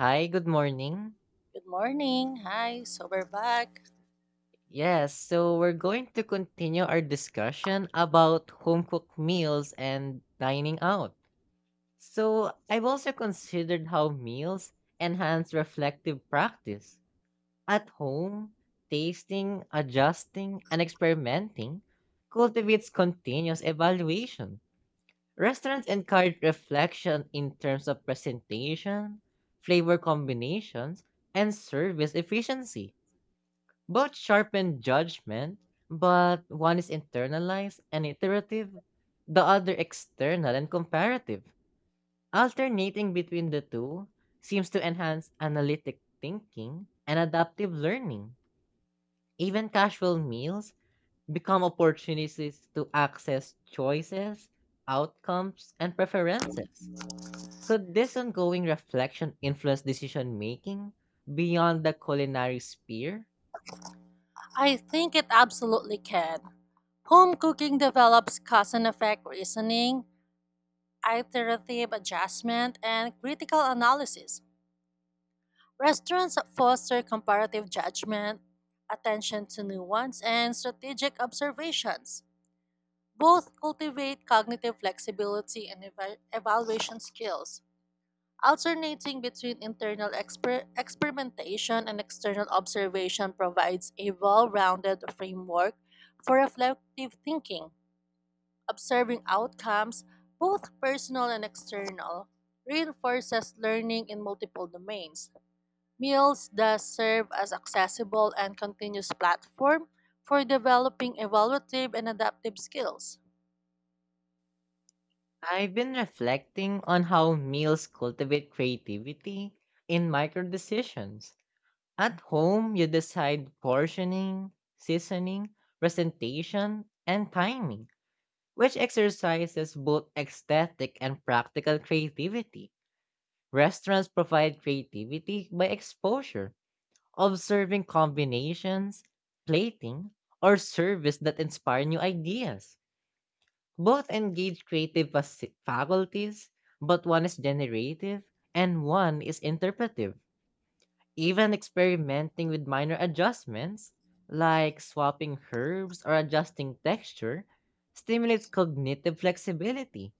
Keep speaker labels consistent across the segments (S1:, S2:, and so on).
S1: Hi, good morning.
S2: Good morning. Hi, so we're back.
S1: Yes, so we're going to continue our discussion about home cooked meals and dining out. So, I've also considered how meals enhance reflective practice. At home, tasting, adjusting, and experimenting cultivates continuous evaluation. Restaurants encourage reflection in terms of presentation, flavor combinations, and service efficiency. Both sharpen judgment, but one is internalized and iterative, the other external and comparative. Alternating between the two seems to enhance analytic thinking and adaptive learning. Even casual meals become opportunities to access choices, outcomes, and preferences. Could this ongoing reflection influence decision making beyond the culinary sphere?
S2: I think it absolutely can. Home cooking develops cause and effect reasoning, iterative adjustment, and critical analysis. Restaurants foster comparative judgment, attention to nuance, and strategic observations. Both cultivate cognitive flexibility and evaluation skills. Alternating between internal experimentation and external observation provides a well rounded framework for reflective thinking. Observing outcomes, both personal and external, reinforces learning in multiple domains. Meals thus serve as accessible and continuous platform for developing evaluative and adaptive skills.
S1: I've been reflecting on how meals cultivate creativity in micro decisions. At home, you decide portioning, seasoning, presentation, and timing, which exercises both aesthetic and practical creativity. Restaurants provide creativity by exposure, observing combinations, plating, or service that inspire new ideas. Both engage creative faculties, but one is generative and one is interpretive. Even experimenting with minor adjustments, like swapping herbs or adjusting texture, stimulates cognitive flexibility.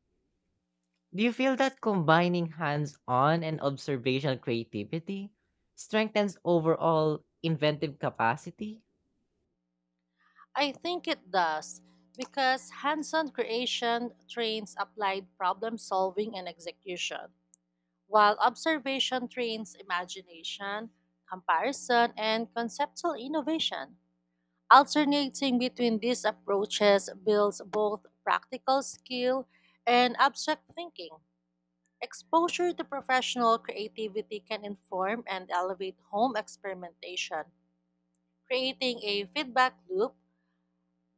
S1: Do you feel that combining hands on and observational creativity strengthens overall inventive capacity?
S2: I think it does because hands on creation trains applied problem solving and execution, while observation trains imagination, comparison, and conceptual innovation. Alternating between these approaches builds both practical skill and abstract thinking. Exposure to professional creativity can inform and elevate home experimentation, creating a feedback loop,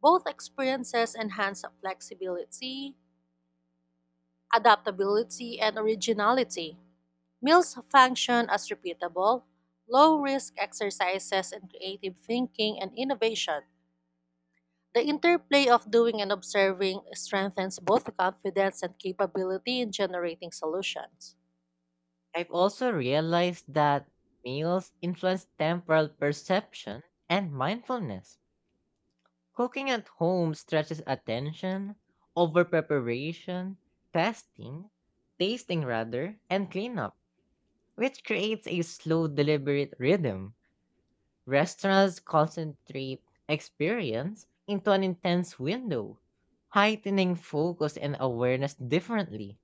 S2: both experiences enhance flexibility, adaptability, and originality. Meals function as repeatable, low risk exercises in creative thinking and innovation. The interplay of doing and observing strengthens both confidence and capability in generating solutions.
S1: I've also realized that meals influence temporal perception and mindfulness. Cooking at home stretches attention, over preparation, testing, tasting rather, and cleanup, which creates a slow, deliberate rhythm. Restaurants concentrate experience into an intense window, heightening focus and awareness differently.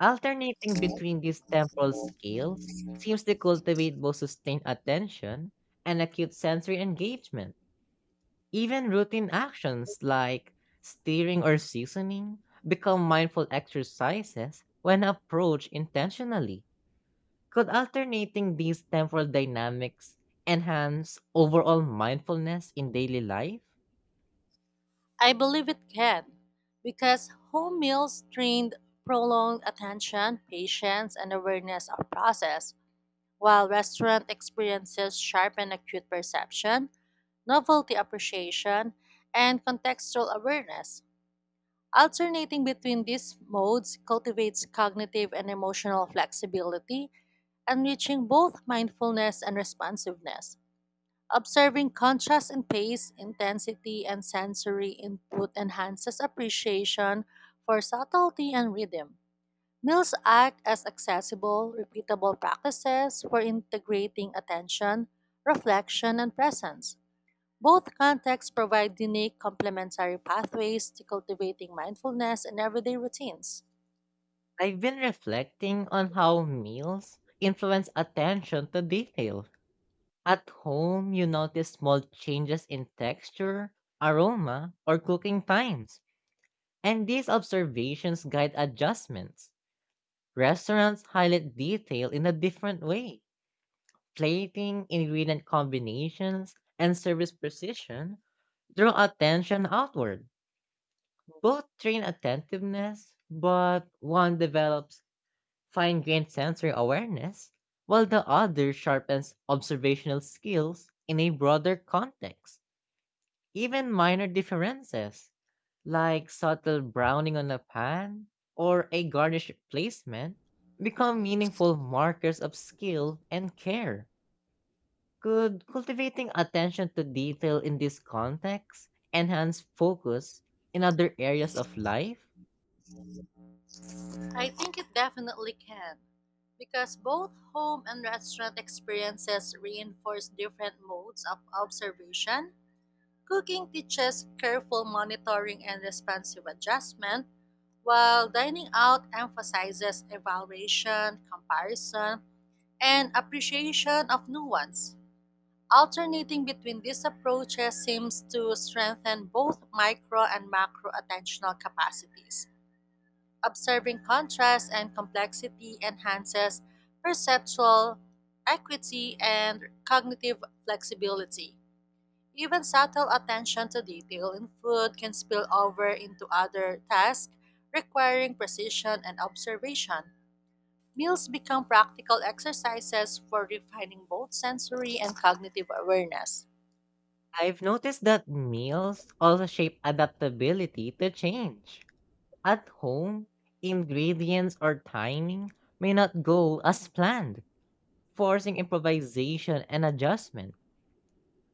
S1: Alternating between these temporal scales seems to cultivate both sustained attention and acute sensory engagement. Even routine actions like steering or seasoning become mindful exercises when approached intentionally. Could alternating these temporal dynamics enhance overall mindfulness in daily life?
S2: I believe it can, because home meals trained prolonged attention, patience, and awareness of process, while restaurant experiences sharpen acute perception, novelty appreciation, and contextual awareness. Alternating between these modes cultivates cognitive and emotional flexibility, enriching both mindfulness and responsiveness. Observing contrast in pace, intensity, and sensory input enhances appreciation for subtlety and rhythm. Meals act as accessible, repeatable practices for integrating attention, reflection, and presence. Both contexts provide unique complementary pathways to cultivating mindfulness in everyday routines.
S1: I've been reflecting on how meals influence attention to detail. At home, you notice small changes in texture, aroma, or cooking times, and these observations guide adjustments. Restaurants highlight detail in a different way. Plating, ingredient combinations, and service precision draw attention outward. Both train attentiveness, but one develops fine grained sensory awareness, while the other sharpens observational skills in a broader context. Even minor differences, like subtle browning on a pan or a garnish placement, become meaningful markers of skill and care. Could cultivating attention to detail in this context enhance focus in other areas of life?
S2: I think it definitely can, because both home and restaurant experiences reinforce different modes of observation. Cooking teaches careful monitoring and responsive adjustment, while dining out emphasizes evaluation, comparison, and appreciation of nuance. Alternating between these approaches seems to strengthen both micro and macro attentional capacities. Observing contrast and complexity enhances perceptual equity and cognitive flexibility. Even subtle attention to detail in food can spill over into other tasks requiring precision and observation. Meals become practical exercises for refining both sensory and cognitive awareness.
S1: I've noticed that meals also shape adaptability to change. At home, ingredients or timing may not go as planned, forcing improvisation and adjustment.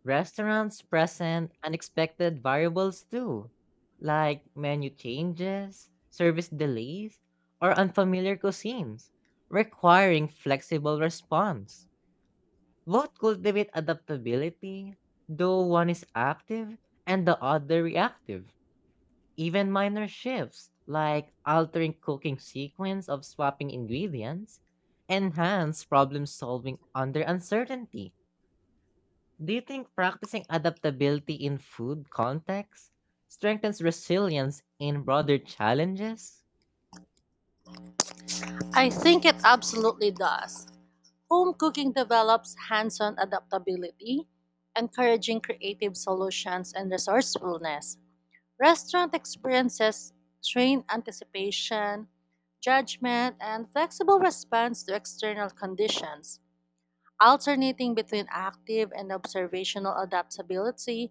S1: Restaurants present unexpected variables too, like menu changes, service delays, or unfamiliar cuisines, requiring flexible response. Both cultivate adaptability, though one is active and the other reactive. Even minor shifts, like altering cooking sequence of swapping ingredients, enhance problem solving under uncertainty. Do you think practicing adaptability in food context strengthens resilience in broader challenges?
S2: I think it absolutely does. Home cooking develops hands on adaptability, encouraging creative solutions and resourcefulness. Restaurant experiences train anticipation, judgment, and flexible response to external conditions. Alternating between active and observational adaptability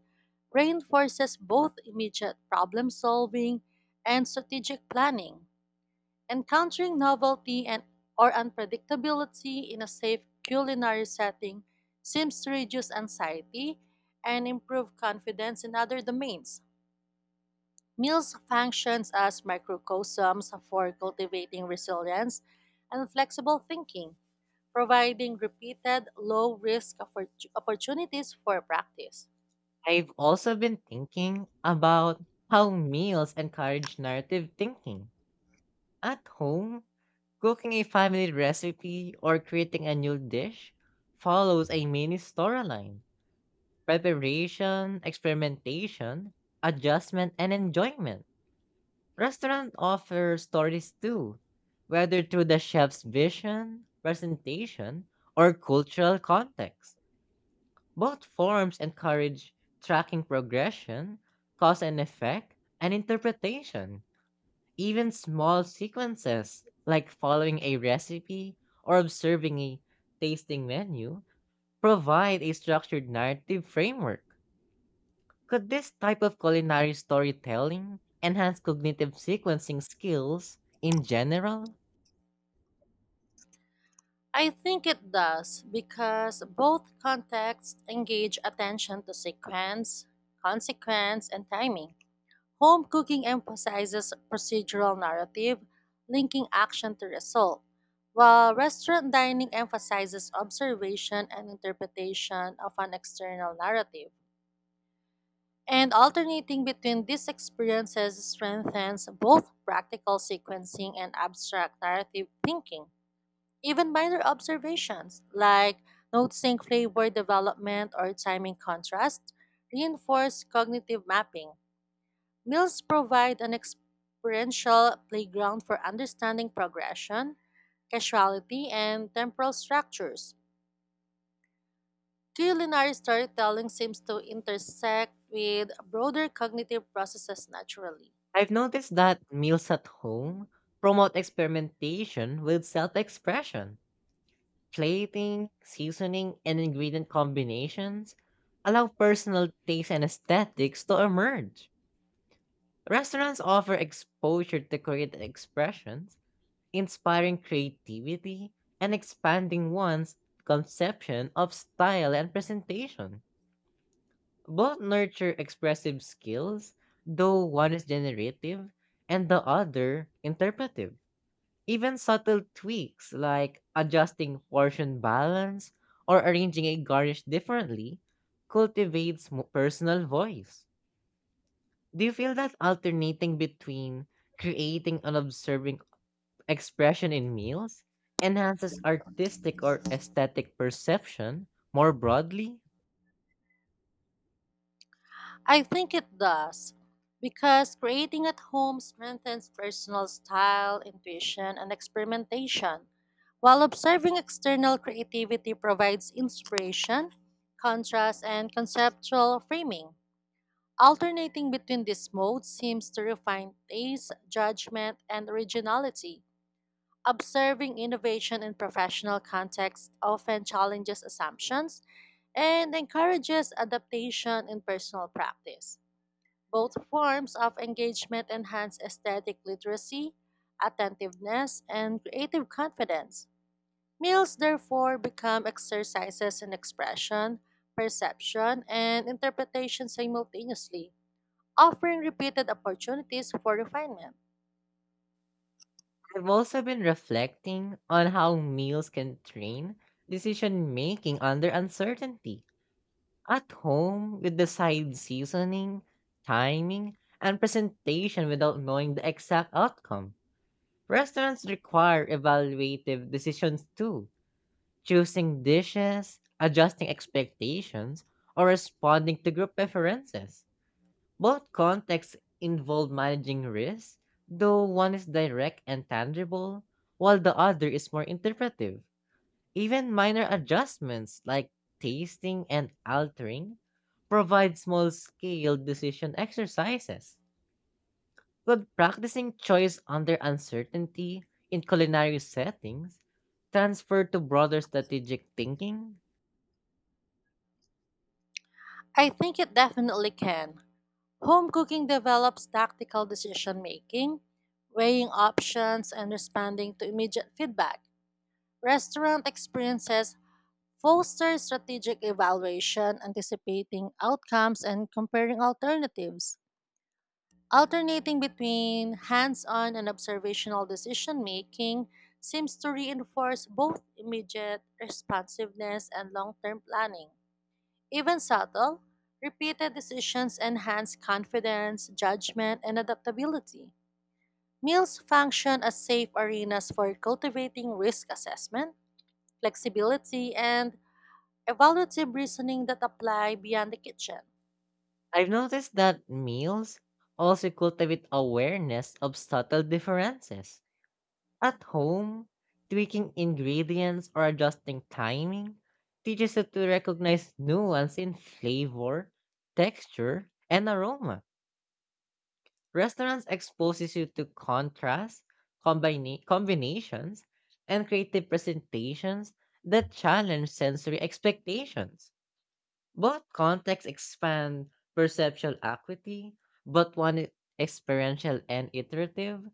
S2: reinforces both immediate problem solving and strategic planning. Encountering novelty and or unpredictability in a safe culinary setting seems to reduce anxiety and improve confidence in other domains. Meals functions as microcosms for cultivating resilience and flexible thinking, providing repeated low-risk opportunities for practice.
S1: I've also been thinking about how meals encourage narrative thinking. At home, cooking a family recipe or creating a new dish follows a mini storyline: preparation, experimentation, adjustment, and enjoyment. Restaurants offer stories too, whether through the chef's vision, presentation, or cultural context. Both forms encourage tracking progression, cause and effect, and interpretation. Even small sequences, like following a recipe or observing a tasting menu, provide a structured narrative framework. Could this type of culinary storytelling enhance cognitive sequencing skills in general?
S2: I think it does because both contexts engage attention to sequence, consequence, and timing. Home cooking emphasizes procedural narrative, linking action to result, while restaurant dining emphasizes observation and interpretation of an external narrative. And alternating between these experiences strengthens both practical sequencing and abstract narrative thinking. Even minor observations, like noticing flavor development or timing contrast, reinforce cognitive mapping. Meals provide an experiential playground for understanding progression, casuality, and temporal structures. Culinary storytelling seems to intersect with broader cognitive processes naturally.
S1: I've noticed that meals at home promote experimentation with self expression. Plating, seasoning, and ingredient combinations allow personal taste and aesthetics to emerge. Restaurants offer exposure to creative expressions, inspiring creativity and expanding one's conception of style and presentation. Both nurture expressive skills, though one is generative and the other interpretive. Even subtle tweaks like adjusting portion balance or arranging a garnish differently cultivates personal voice. Do you feel that alternating between creating and observing expression in meals enhances artistic or aesthetic perception more broadly?
S2: I think it does, because creating at home strengthens personal style, intuition, and experimentation, while observing external creativity provides inspiration, contrast, and conceptual framing. Alternating between these modes seems to refine taste, judgment, and originality. Observing innovation in professional contexts often challenges assumptions and encourages adaptation in personal practice. Both forms of engagement enhance aesthetic literacy, attentiveness, and creative confidence. Meals, therefore, become exercises in expression, perception, and interpretation simultaneously offering repeated opportunities for refinement.
S1: I've also been reflecting on how meals can train decision making under uncertainty. At home, we decide seasoning, timing, and presentation without knowing the exact outcome. Restaurants require evaluative decisions too, choosing dishes, adjusting expectations, or responding to group preferences. Both contexts involve managing risk, though one is direct and tangible, while the other is more interpretive. Even minor adjustments like tasting and altering provide small-scale decision exercises. Could practicing choice under uncertainty in culinary settings transfer to broader strategic thinking?
S2: I think it definitely can. Home cooking develops tactical decision making, weighing options, and responding to immediate feedback. Restaurant experiences foster strategic evaluation, anticipating outcomes, and comparing alternatives. Alternating between hands on and observational decision making seems to reinforce both immediate responsiveness and long term planning. Even subtle, repeated decisions enhance confidence, judgment, and adaptability. Meals function as safe arenas for cultivating risk assessment, flexibility, and evaluative reasoning that apply beyond the kitchen.
S1: I've noticed that meals also cultivate awareness of subtle differences. At home, tweaking ingredients or adjusting timing teaches you to recognize nuance in flavor, texture, and aroma. Restaurants exposes you to contrast, combinations, and creative presentations that challenge sensory expectations. Both contexts expand perceptual acuity, but one is experiential and iterative,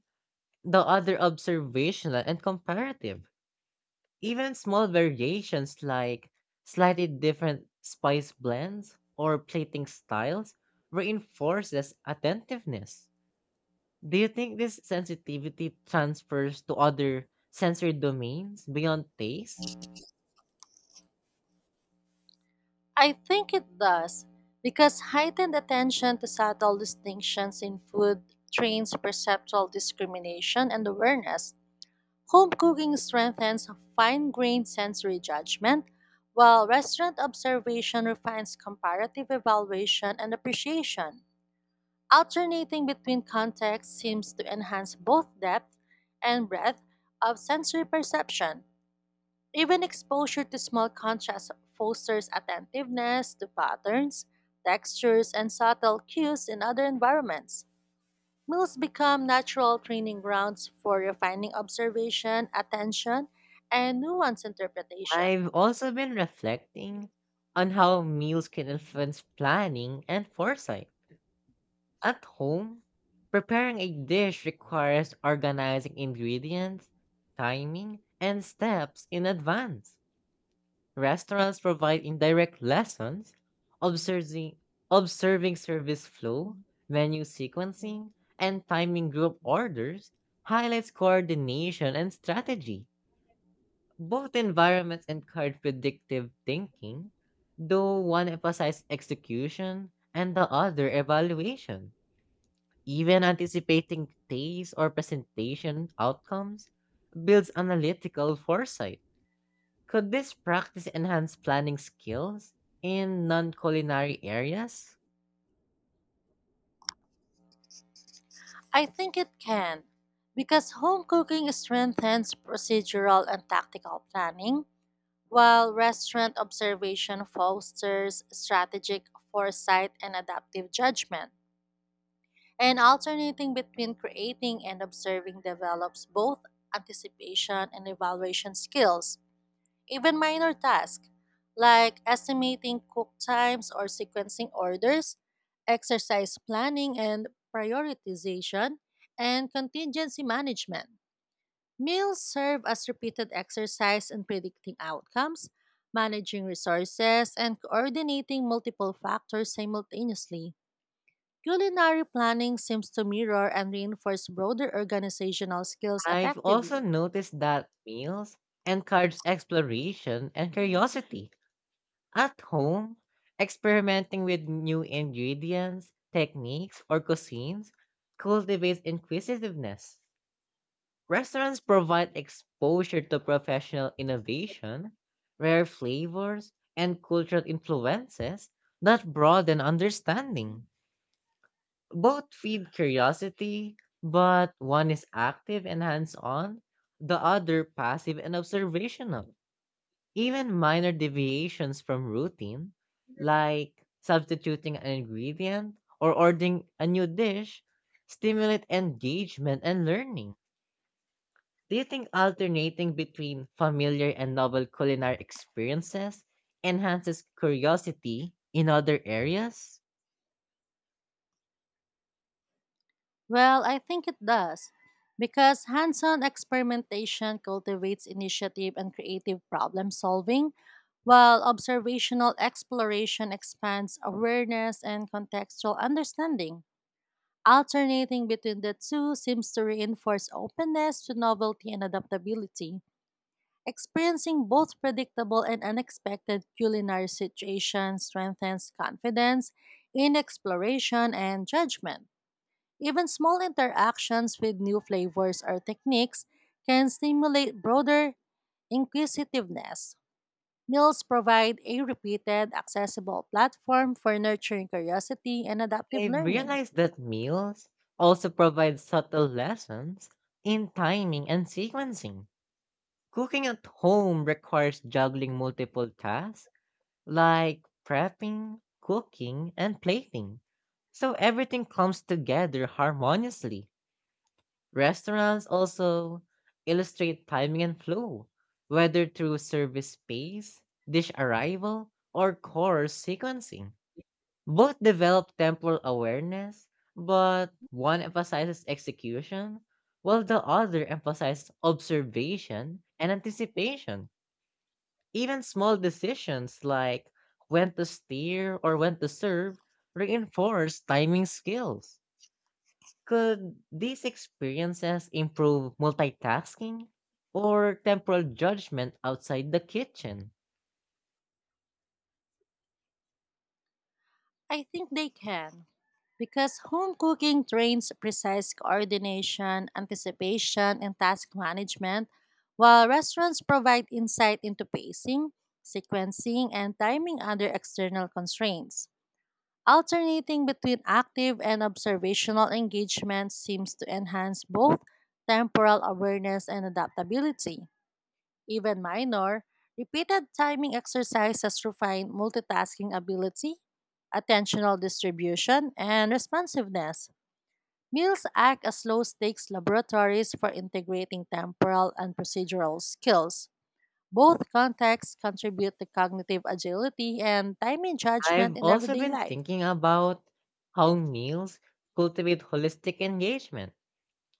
S1: the other observational and comparative. Even small variations like slightly different spice blends or plating styles reinforces attentiveness. Do you think this sensitivity transfers to other sensory domains beyond taste?
S2: I think it does because heightened attention to subtle distinctions in food trains perceptual discrimination and awareness. Home cooking strengthens fine grained sensory judgment, while restaurant observation refines comparative evaluation and appreciation. Alternating between contexts seems to enhance both depth and breadth of sensory perception. Even exposure to small contrasts fosters attentiveness to patterns, textures, and subtle cues in other environments. Meals become natural training grounds for refining observation, attention, and nuanced interpretation.
S1: I've also been reflecting on how meals can influence planning and foresight. At home, preparing a dish requires organizing ingredients, timing, and steps in advance. Restaurants provide indirect lessons, observing, observing service flow, menu sequencing, and timing group orders highlights coordination and strategy. Both environments encourage predictive thinking, though one emphasizes execution and the other evaluation. Even anticipating taste or presentation outcomes builds analytical foresight. Could this practice enhance planning skills in non culinary areas?
S2: I think it can, because home cooking strengthens procedural and tactical planning, while restaurant observation fosters strategic foresight and adaptive judgment. And alternating between creating and observing develops both anticipation and evaluation skills. Even minor tasks like estimating cook times or sequencing orders, exercise planning and prioritization, and contingency management. Meals serve as repeated exercise in predicting outcomes, managing resources, and coordinating multiple factors simultaneously. Culinary planning seems to mirror and reinforce broader organizational skills
S1: I've also
S2: effectively.
S1: noticed that meals encourage exploration and curiosity. At home, experimenting with new ingredients, techniques, or cuisines cultivates inquisitiveness. Restaurants provide exposure to professional innovation, rare flavors, and cultural influences that broaden understanding. Both feed curiosity, but one is active and hands on, the other passive and observational. Even minor deviations from routine, like substituting an ingredient or ordering a new dish, stimulate engagement and learning. Do you think alternating between familiar and novel culinary experiences enhances curiosity in other areas?
S2: Well, I think it does, because hands on experimentation cultivates initiative and creative problem solving, while observational exploration expands awareness and contextual understanding. Alternating between the two seems to reinforce openness to novelty and adaptability. Experiencing both predictable and unexpected culinary situations strengthens confidence in exploration and judgment. Even small interactions with new flavors or techniques can stimulate broader inquisitiveness. Meals provide a repeated, accessible platform for nurturing curiosity and adaptive
S1: I've
S2: learning.
S1: realized that meals also provide subtle lessons in timing and sequencing. Cooking at home requires juggling multiple tasks like prepping, cooking, and plating, so everything comes together harmoniously. Restaurants also illustrate timing and flow, whether through service pace, dish arrival, or course sequencing. Both develop temporal awareness, but one emphasizes execution, while the other emphasizes observation and anticipation. Even small decisions like when to steer or when to serve reinforce timing skills. Could these experiences improve multitasking or temporal judgment outside the kitchen?
S2: I think they can. Because home cooking trains precise coordination, anticipation, and task management, while restaurants provide insight into pacing, sequencing, and timing under external constraints. Alternating between active and observational engagement seems to enhance both temporal awareness and adaptability. Even minor, repeated timing exercises refine multitasking ability, attentional distribution, and responsiveness. Meals act as low stakes laboratories for integrating temporal and procedural skills. Both contexts contribute to cognitive agility and timing
S1: I've
S2: judgment in
S1: also
S2: everyday
S1: been
S2: life.
S1: thinking about how meals cultivate holistic engagement,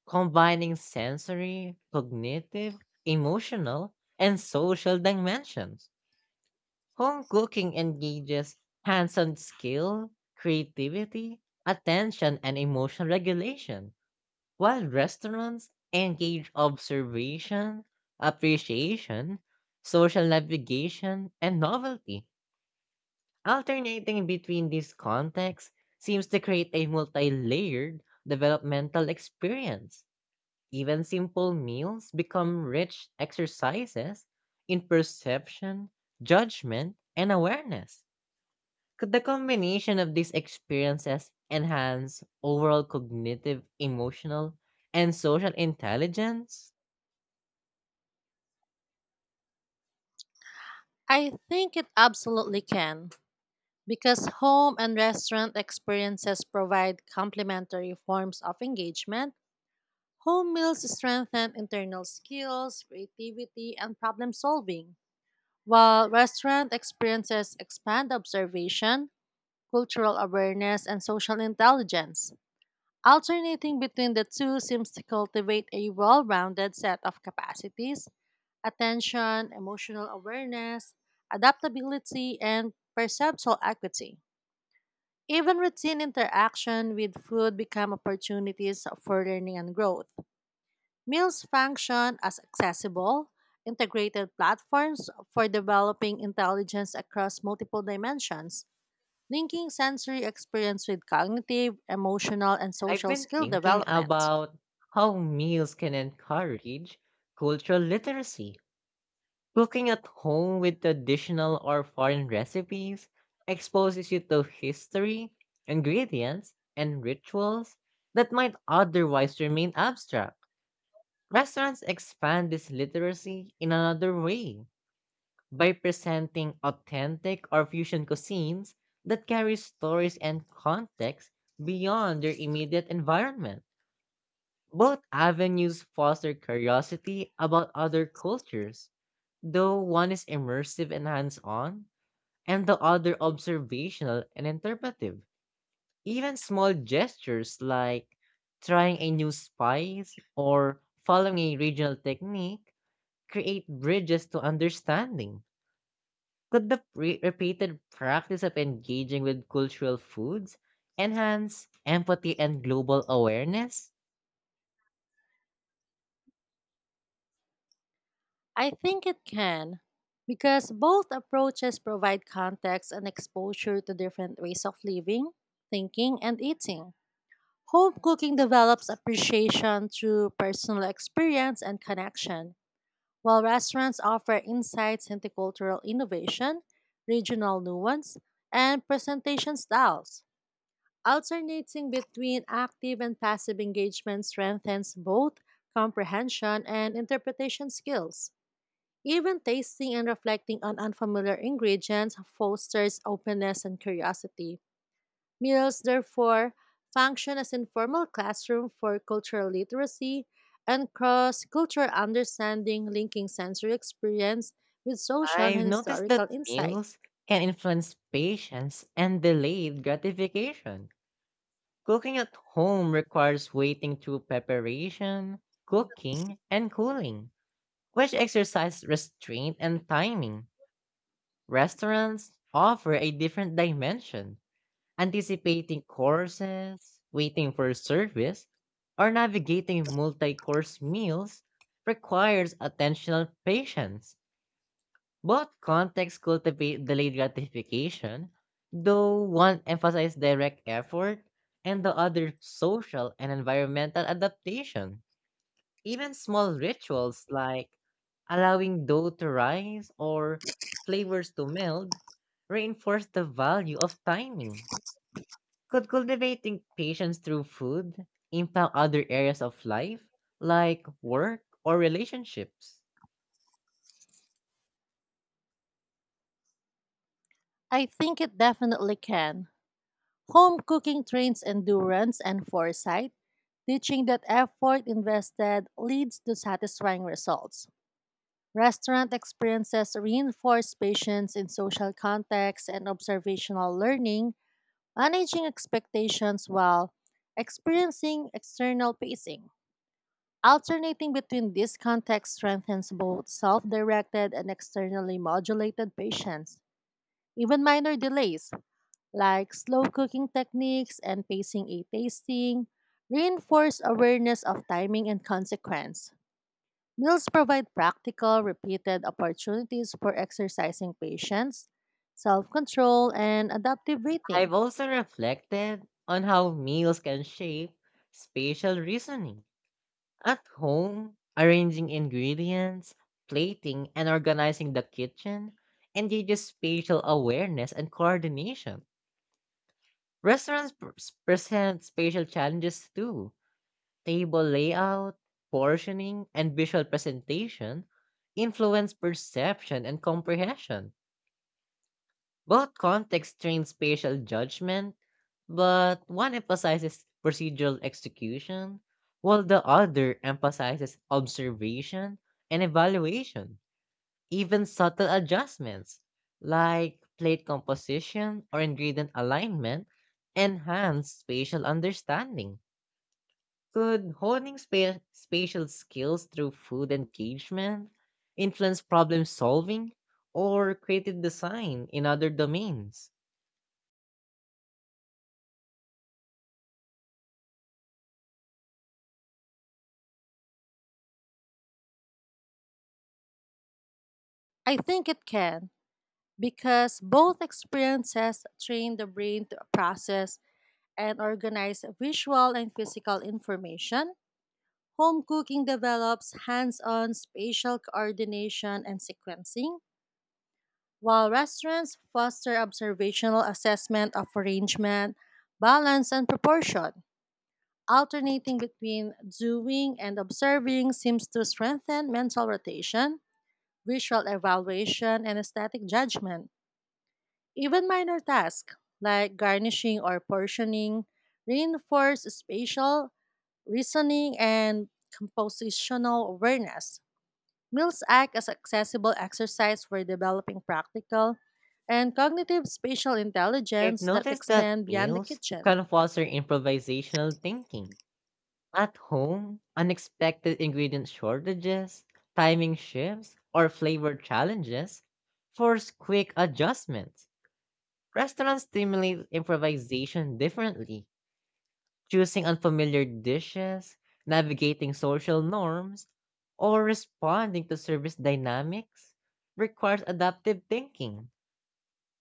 S1: combining sensory, cognitive, emotional, and social dimensions. Home cooking engages hands on skill, creativity, attention, and emotional regulation, while restaurants engage observation, appreciation, social navigation, and novelty. Alternating between these contexts seems to create a multi layered developmental experience. Even simple meals become rich exercises in perception, judgment, and awareness. Could the combination of these experiences enhance overall cognitive, emotional, and social intelligence?
S2: I think it absolutely can, because home and restaurant experiences provide complementary forms of engagement. Home meals strengthen internal skills, creativity, and problem solving, while restaurant experiences expand observation, cultural awareness, and social intelligence. Alternating between the two seems to cultivate a well rounded set of capacities: attention, emotional awareness, adaptability, and perceptual equity. Even routine interaction with food become opportunities for learning and growth. Meals function as accessible, integrated platforms for developing intelligence across multiple dimensions, linking sensory experience with cognitive, emotional, and
S1: I've
S2: social
S1: been
S2: skill
S1: thinking
S2: development.
S1: about how meals can encourage cultural literacy. Cooking at home with traditional or foreign recipes exposes you to history, ingredients, and rituals that might otherwise remain abstract. Restaurants expand this literacy in another way by presenting authentic or fusion cuisines that carry stories and context beyond their immediate environment. Both avenues foster curiosity about other cultures, though one is immersive and hands on, and the other observational and interpretive. Even small gestures like trying a new spice or following a regional technique create bridges to understanding. Could the repeated practice of engaging with cultural foods enhance empathy and global awareness?
S2: I think it can, because both approaches provide context and exposure to different ways of living, thinking, and eating. Home cooking develops appreciation through personal experience and connection, while restaurants offer insights into cultural innovation, regional nuance, and presentation styles. Alternating between active and passive engagement strengthens both comprehension and interpretation skills. Even tasting and reflecting on unfamiliar ingredients fosters openness and curiosity. Meals, therefore, function as informal classroom for cultural literacy and cross-cultural understanding, linking sensory experience with social and
S1: I've noticed that
S2: historical insight.
S1: meals can influence patience and delayed gratification. Cooking at home requires waiting through preparation, cooking, and cooling, which exercise restraint and timing. Restaurants offer a different dimension, anticipating courses, waiting for service, or navigating multi course meals requires attentional patience. Both contexts cultivate delayed gratification, though one emphasizes direct effort and the other social and environmental adaptation. Even small rituals like allowing dough to rise or flavors to meld reinforce the value of timing. Could cultivating patience through food impact other areas of life like work or relationships?
S2: I think it definitely can. Home cooking trains endurance and foresight, teaching that effort invested leads to satisfying results. Restaurant experiences reinforce patience in social contexts and observational learning, managing expectations while experiencing external pacing. Alternating between these contexts strengthens both self directed and externally modulated patients. Even minor delays, like slow cooking techniques and pacing a tasting, reinforce awareness of timing and consequence. Meals provide practical, repeated opportunities for exercising patience, self control, and adaptive
S1: I've
S2: eating.
S1: also reflected on how meals can shape spatial reasoning. At home, arranging ingredients, plating, and organizing the kitchen engages spatial awareness and coordination. Restaurants present spatial challenges too. Table layout, portioning, and visual presentation influence perception and comprehension. Both contexts train spatial judgment, but one emphasizes procedural execution, while the other emphasizes observation and evaluation. Even subtle adjustments like plate composition or ingredient alignment enhance spatial understanding. Could honing spatial skills through food engagement influence problem solving or creative design in other domains?
S2: I think it can, because both experiences train the brain to process and organize visual and physical information. Home cooking develops hands on spatial coordination and sequencing, while restaurants foster observational assessment of arrangement, balance, and proportion. Alternating between doing and observing seems to strengthen mental rotation, visual evaluation, and aesthetic judgment. Even minor tasks like garnishing or portioning reinforce spatial reasoning and compositional awareness. Meals act as accessible exercise for developing practical and cognitive spatial
S1: I've
S2: intelligence that
S1: noticed that
S2: extend beyond the
S1: meals
S2: kitchen.
S1: can foster improvisational thinking. At home, unexpected ingredient shortages, timing shifts, or flavor challenges force quick adjustments. Restaurants stimulate improvisation differently, choosing unfamiliar dishes, navigating social norms, or responding to service dynamics requires adaptive thinking.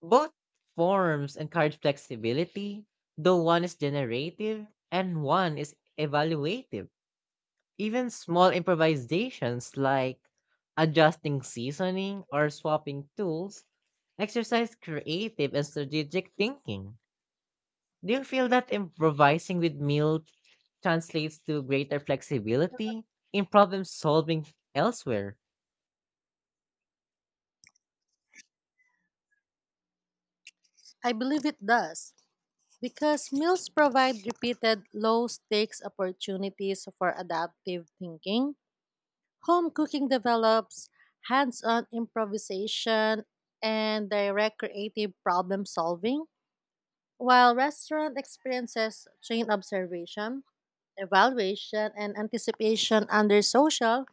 S1: Both forms encourage flexibility, though one is generative and one is evaluative. Even small improvisations like adjusting seasoning or swapping tools exercise creative and strategic thinking. Do you feel that improvising with meal translates to greater flexibility in problem solving elsewhere?
S2: I believe it does because meals provide repeated low stakes opportunities for adaptive thinking. Home cooking develops hands on improvisation and direct creative problem solving, while restaurant experiences train observation, evaluation, and anticipation under social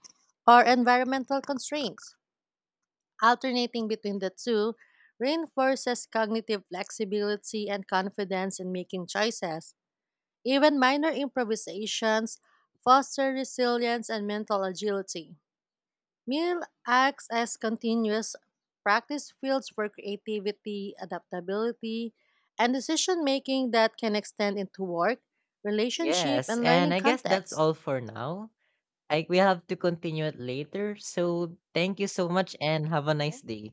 S2: or environmental constraints. Alternating between the two reinforces cognitive flexibility and confidence in making choices. Even minor improvisations foster resilience and mental agility. Meal acts as continuous practice fields for creativity, adaptability, and decision making that can extend into work, relationship,
S1: Yes,
S2: and learning
S1: and I guess that's
S2: contexts.
S1: all for now. I We have to continue it later. So, thank you so much and have a
S2: Mhm.
S1: nice day.